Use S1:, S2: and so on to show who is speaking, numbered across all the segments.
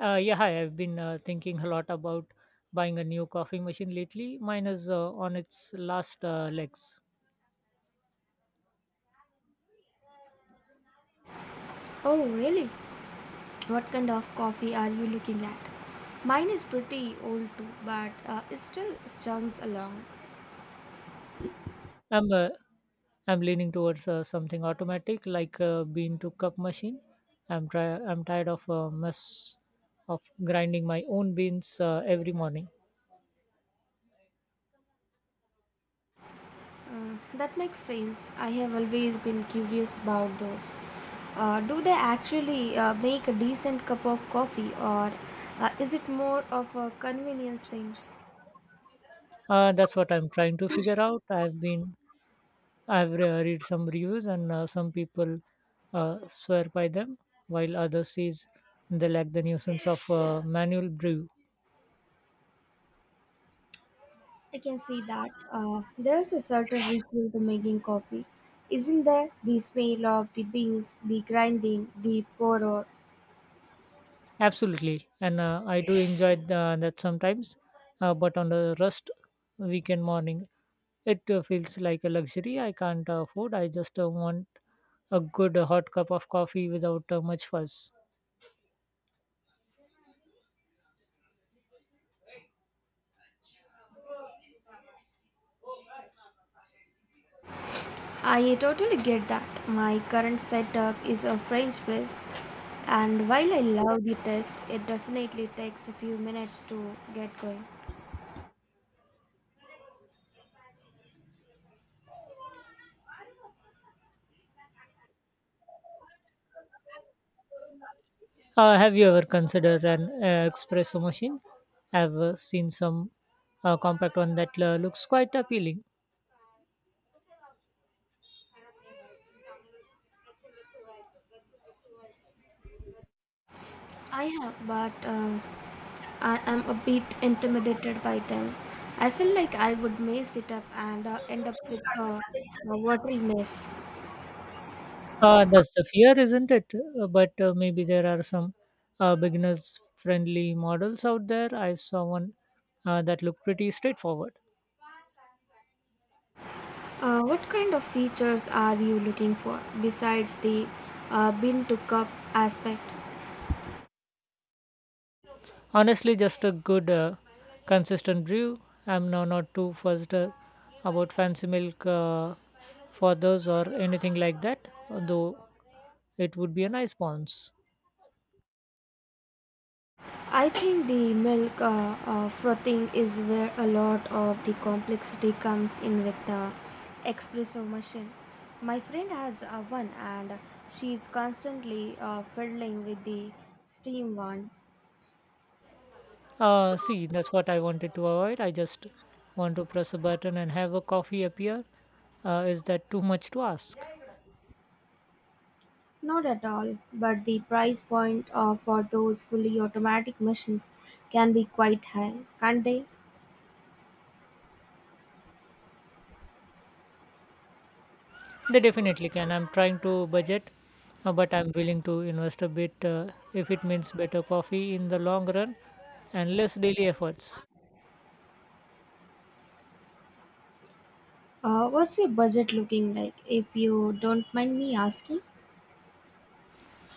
S1: Yeah, hi. I've been thinking a lot about buying a new coffee machine lately. Mine is on its last legs.
S2: Oh, really? What kind of coffee are you looking at? Mine is pretty old too, but it still chugs along.
S1: I'm uh, I'm leaning towards something automatic like a bean to cup machine. I'm tired of mess of grinding my own beans every morning.
S2: That makes sense. I have always been curious about those. Do they actually make a decent cup of coffee, or is it more of a convenience thing?
S1: That's what I'm trying to figure out. I've read some reviews and some people swear by them, while others says they lack the nuisance of manual brew.
S2: I can see that. There's a certain ritual to making coffee. Isn't there? The smell of the beans, the grinding, the pour.
S1: Absolutely, and I do enjoy the, that sometimes, but on a rust weekend morning, it feels like a luxury I can't afford. I just want a good hot cup of coffee without much fuss.
S2: I totally get that. My current setup is a French press, and while I love the test, it definitely takes a few minutes to get going.
S1: Have you ever considered an espresso machine? I've seen some compact one that looks quite appealing.
S2: I have, but I am a bit intimidated by them. I feel like I would mess it up and end up with a watery mess.
S1: That's the fear, isn't it? But maybe there are some beginners friendly models out there. I saw one that looked pretty straightforward.
S2: What kind of features are you looking for besides the bean to cup aspect?
S1: Honestly, just a good, consistent brew. I'm now not too fussed about fancy milk for those or anything like that, though it would be a nice bounce.
S2: I think the milk frothing is where a lot of the complexity comes in with the espresso machine. My friend has one and she's constantly fiddling with the steam one.
S1: See, that's what I wanted to avoid. I just want to press a button and have a coffee appear. Is that too much to ask?
S2: Not at all, but the price point for those fully automatic machines can be quite high, can't they?
S1: They definitely can. I'm trying to budget, but I'm willing to invest a bit if it means better coffee in the long run and less daily efforts.
S2: What's your budget looking like, if you don't mind me asking?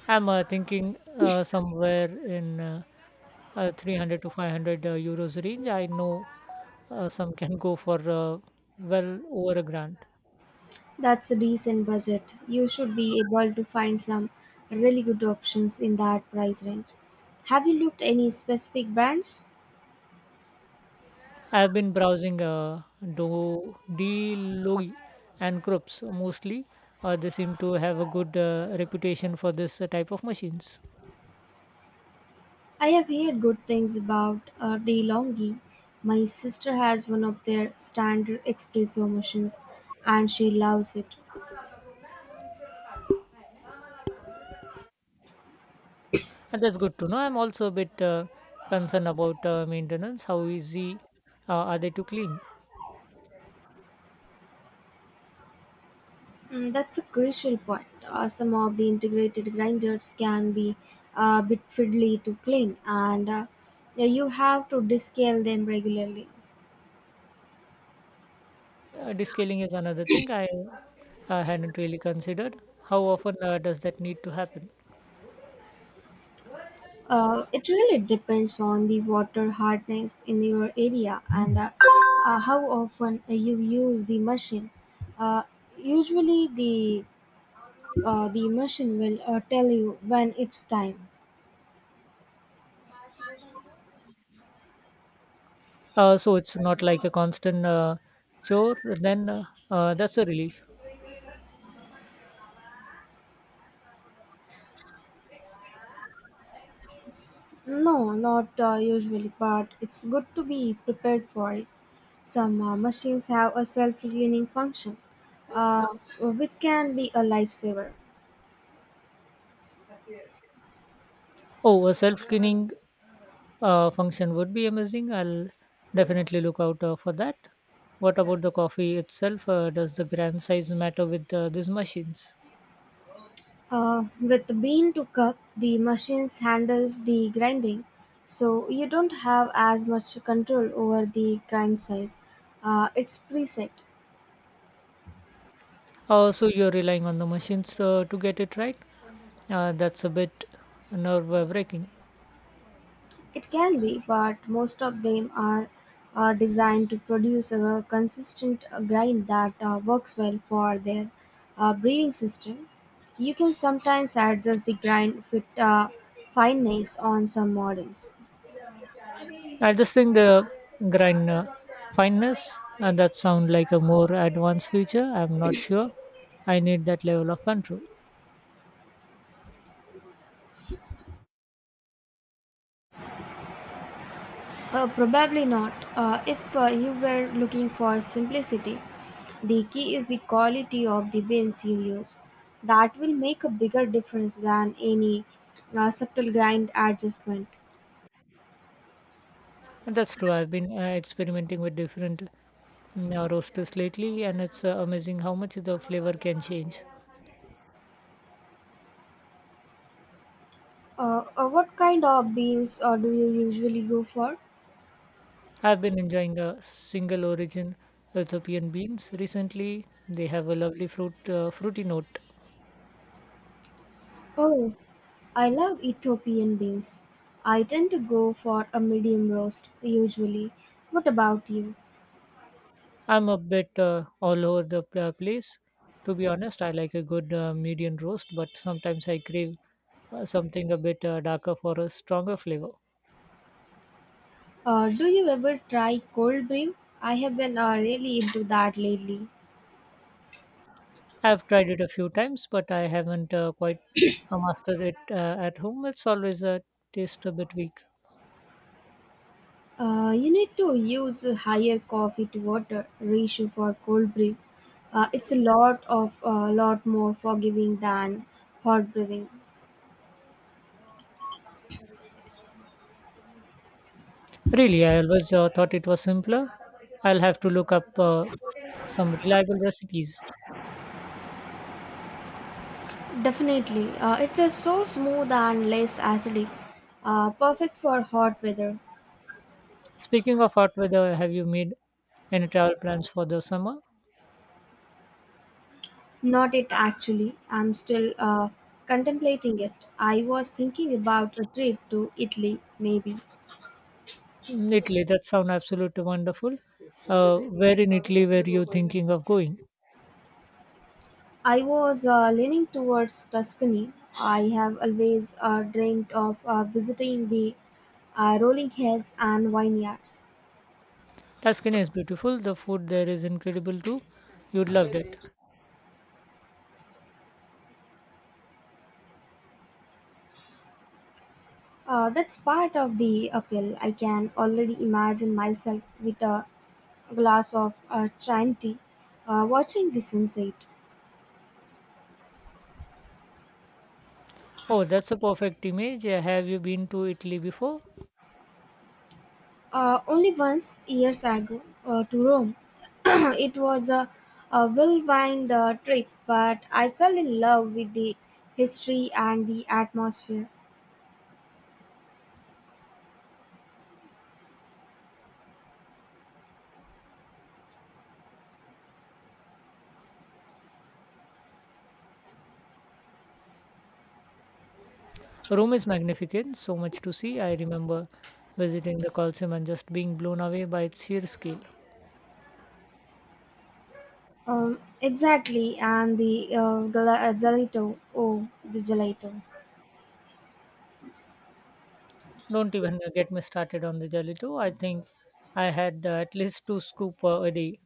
S1: I'm thinking somewhere in 300 to 500 euros range. I know some can go for well over a grand.
S2: That's a decent budget. You should be able to find some really good options in that price range. Have you looked any specific brands?
S1: I've been browsing Do Deloitte and Krups mostly. They seem to have a good reputation for this type of machines.
S2: I have heard good things about DeLonghi. My sister has one of their standard espresso machines and she loves it.
S1: That's good to know. I'm also a bit concerned about maintenance. How easy are they to clean?
S2: Mm, that's a crucial point. Some of the integrated grinders can be a bit fiddly to clean and you have to descale them regularly.
S1: Descaling is another thing I hadn't really considered. How often does that need to happen?
S2: It really depends on the water hardness in your area and how often you use the machine. Uh, Usually, the machine will tell you when it's time.
S1: So it's not like a constant chore. Then that's a relief.
S2: No, not usually, but it's good to be prepared for it. Some machines have a self-cleaning function, uh, which can be a lifesaver.
S1: Oh, a self-cleaning function would be amazing. I'll definitely look out for that. What about the coffee itself? Does the grand size matter with these machines?
S2: With bean to cup, the machine handles the grinding, so you don't have as much control over the grind size. It's preset.
S1: Oh, so you're relying on the machines to get it right? That's a bit nerve-wracking.
S2: It can be, but most of them are designed to produce a consistent grind that works well for their breathing system. You can sometimes adjust the grind fit fineness on some models.
S1: I just think the grind fineness and that sound like a more advanced feature. I'm not sure I need that level of control.
S2: Probably not. If you were looking for simplicity, the key is the quality of the beans you use. That will make a bigger difference than any subtle grind adjustment.
S1: And that's true. I've been experimenting with different roasters lately, and it's amazing how much the flavor can change.
S2: What kind of beans do you usually go for?
S1: I've been enjoying a single origin Ethiopian beans recently. They have a lovely fruity note.
S2: Oh, I love Ethiopian beans. I tend to go for a medium roast usually. What about you?
S1: I'm a bit all over the place. To be honest, I like a good medium roast, but sometimes I crave something a bit darker for a stronger flavor.
S2: Do you ever try cold brew? I have been really into that lately.
S1: I've tried it a few times, but I haven't quite mastered it at home. It's always a taste a bit weak.
S2: You need to use a higher coffee to water ratio for cold brew. It's a lot more forgiving than hot brewing.
S1: Really, I always thought it was simpler. I'll have to look up some reliable recipes.
S2: Definitely, it's a so smooth and less acidic. Perfect for hot weather.
S1: Speaking of hot weather, have you made any travel plans for the summer?
S2: Not it actually. I'm still contemplating it. I was thinking about a trip to Italy, maybe.
S1: Mm, Italy, that sounds absolutely wonderful. Where in Italy were you thinking of going?
S2: I was leaning towards Tuscany. I have always dreamed of visiting the rolling hills and vineyards.
S1: Tuscany is beautiful. The food there is incredible too. You'd love it.
S2: That's part of the appeal. I can already imagine myself with a glass of Chianti watching the sunset.
S1: Oh, that's a perfect image. Have you been to Italy before?
S2: Only once, years ago, to Rome, it was a well-wind trip, but I fell in love with the history and the atmosphere.
S1: Rome is magnificent, so much to see. I remember visiting the Colosseum and just being blown away by its sheer scale.
S2: Exactly, and the gelato. Oh, the gelato.
S1: Don't even get me started on the gelato. I think I had at least two scoop a day.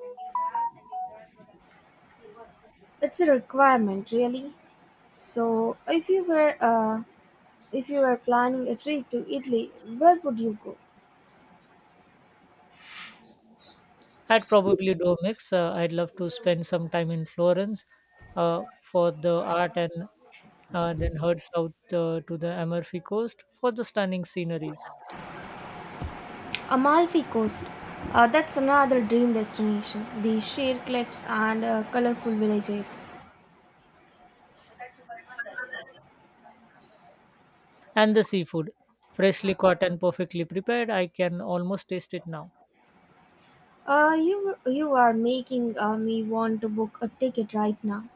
S2: It's a requirement, really. So, if you were planning a trip to Italy, where would you go?
S1: I'd probably do a mix. I'd love to spend some time in Florence for the art and then head south to the Amalfi Coast for the stunning sceneries
S2: Amalfi Coast. That's another dream destination. The sheer cliffs and colorful villages.
S1: and the seafood. Freshly caught and perfectly prepared, I can almost taste it now.
S2: You are making me want to book a ticket right now.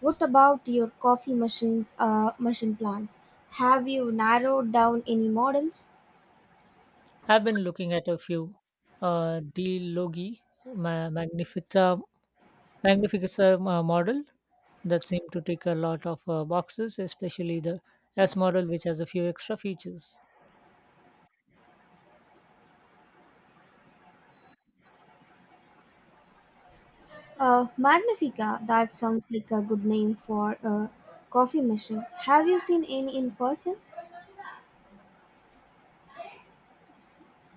S2: What about your coffee machine plans? Have you narrowed down any models?
S1: I've been looking at a few De Loghi Magnifica, Magnifica model that seem to tick a lot of boxes, especially the S model, which has a few extra features.
S2: Magnifica, that sounds like a good name for a coffee machine. Have you seen any in person?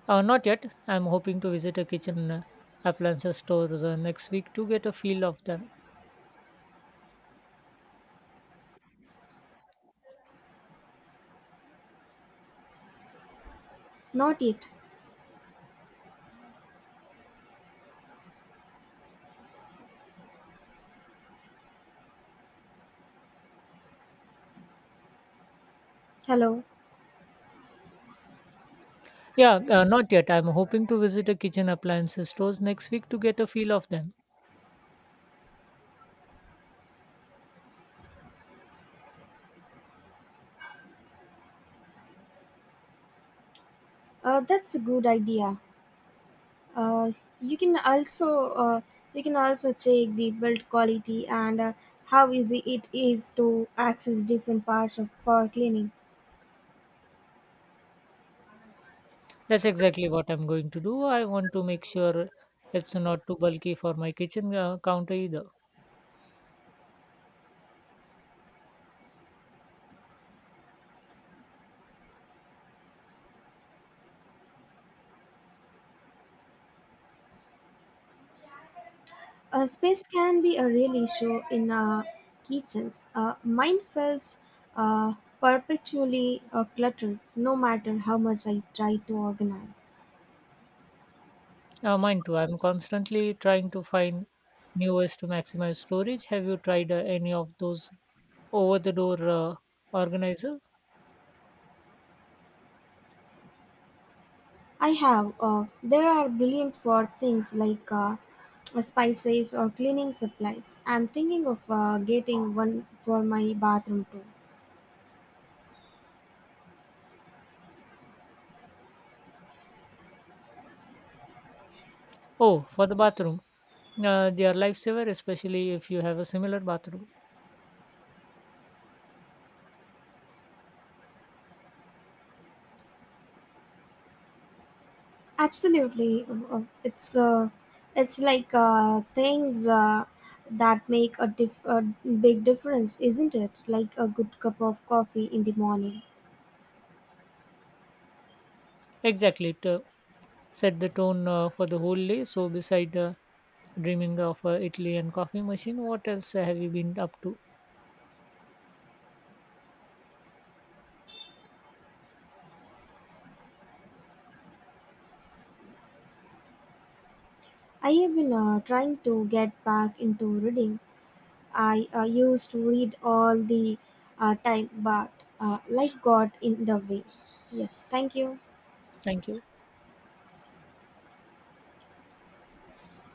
S1: Not yet. I'm hoping to visit a kitchen appliances store next week to get a feel of them.
S2: Not yet. Hello.
S1: Yeah, not yet. I'm hoping to visit a kitchen appliances stores next week to get a feel of them.
S2: That's a good idea. Uh, you can also uh, you can also check the build quality and how easy it is to access different parts of, for cleaning.
S1: That's exactly what I'm going to do. I want to make sure it's not too bulky for my kitchen counter either.
S2: Space can be a real issue in kitchens. Mine feels uh, perpetually cluttered, no matter how much I try to organize.
S1: Mine too. I'm constantly trying to find new ways to maximize storage. Have you tried any of those over the door organizers?
S2: I have. There are brilliant for things like spices or cleaning supplies. I'm thinking of getting one for my bathroom too.
S1: Oh, for the bathroom. They are lifesaver, especially if you have a similar bathroom.
S2: Absolutely. It's like things that make a, dif- a big difference, isn't it? Like a good cup of coffee in the morning.
S1: Exactly. It set the tone for the whole day. So, beside dreaming of Italy and coffee machine, what else have you been up to?
S2: I have been trying to get back into reading. I used to read all the time, but life got in the way. Yes, thank you.
S1: Thank you.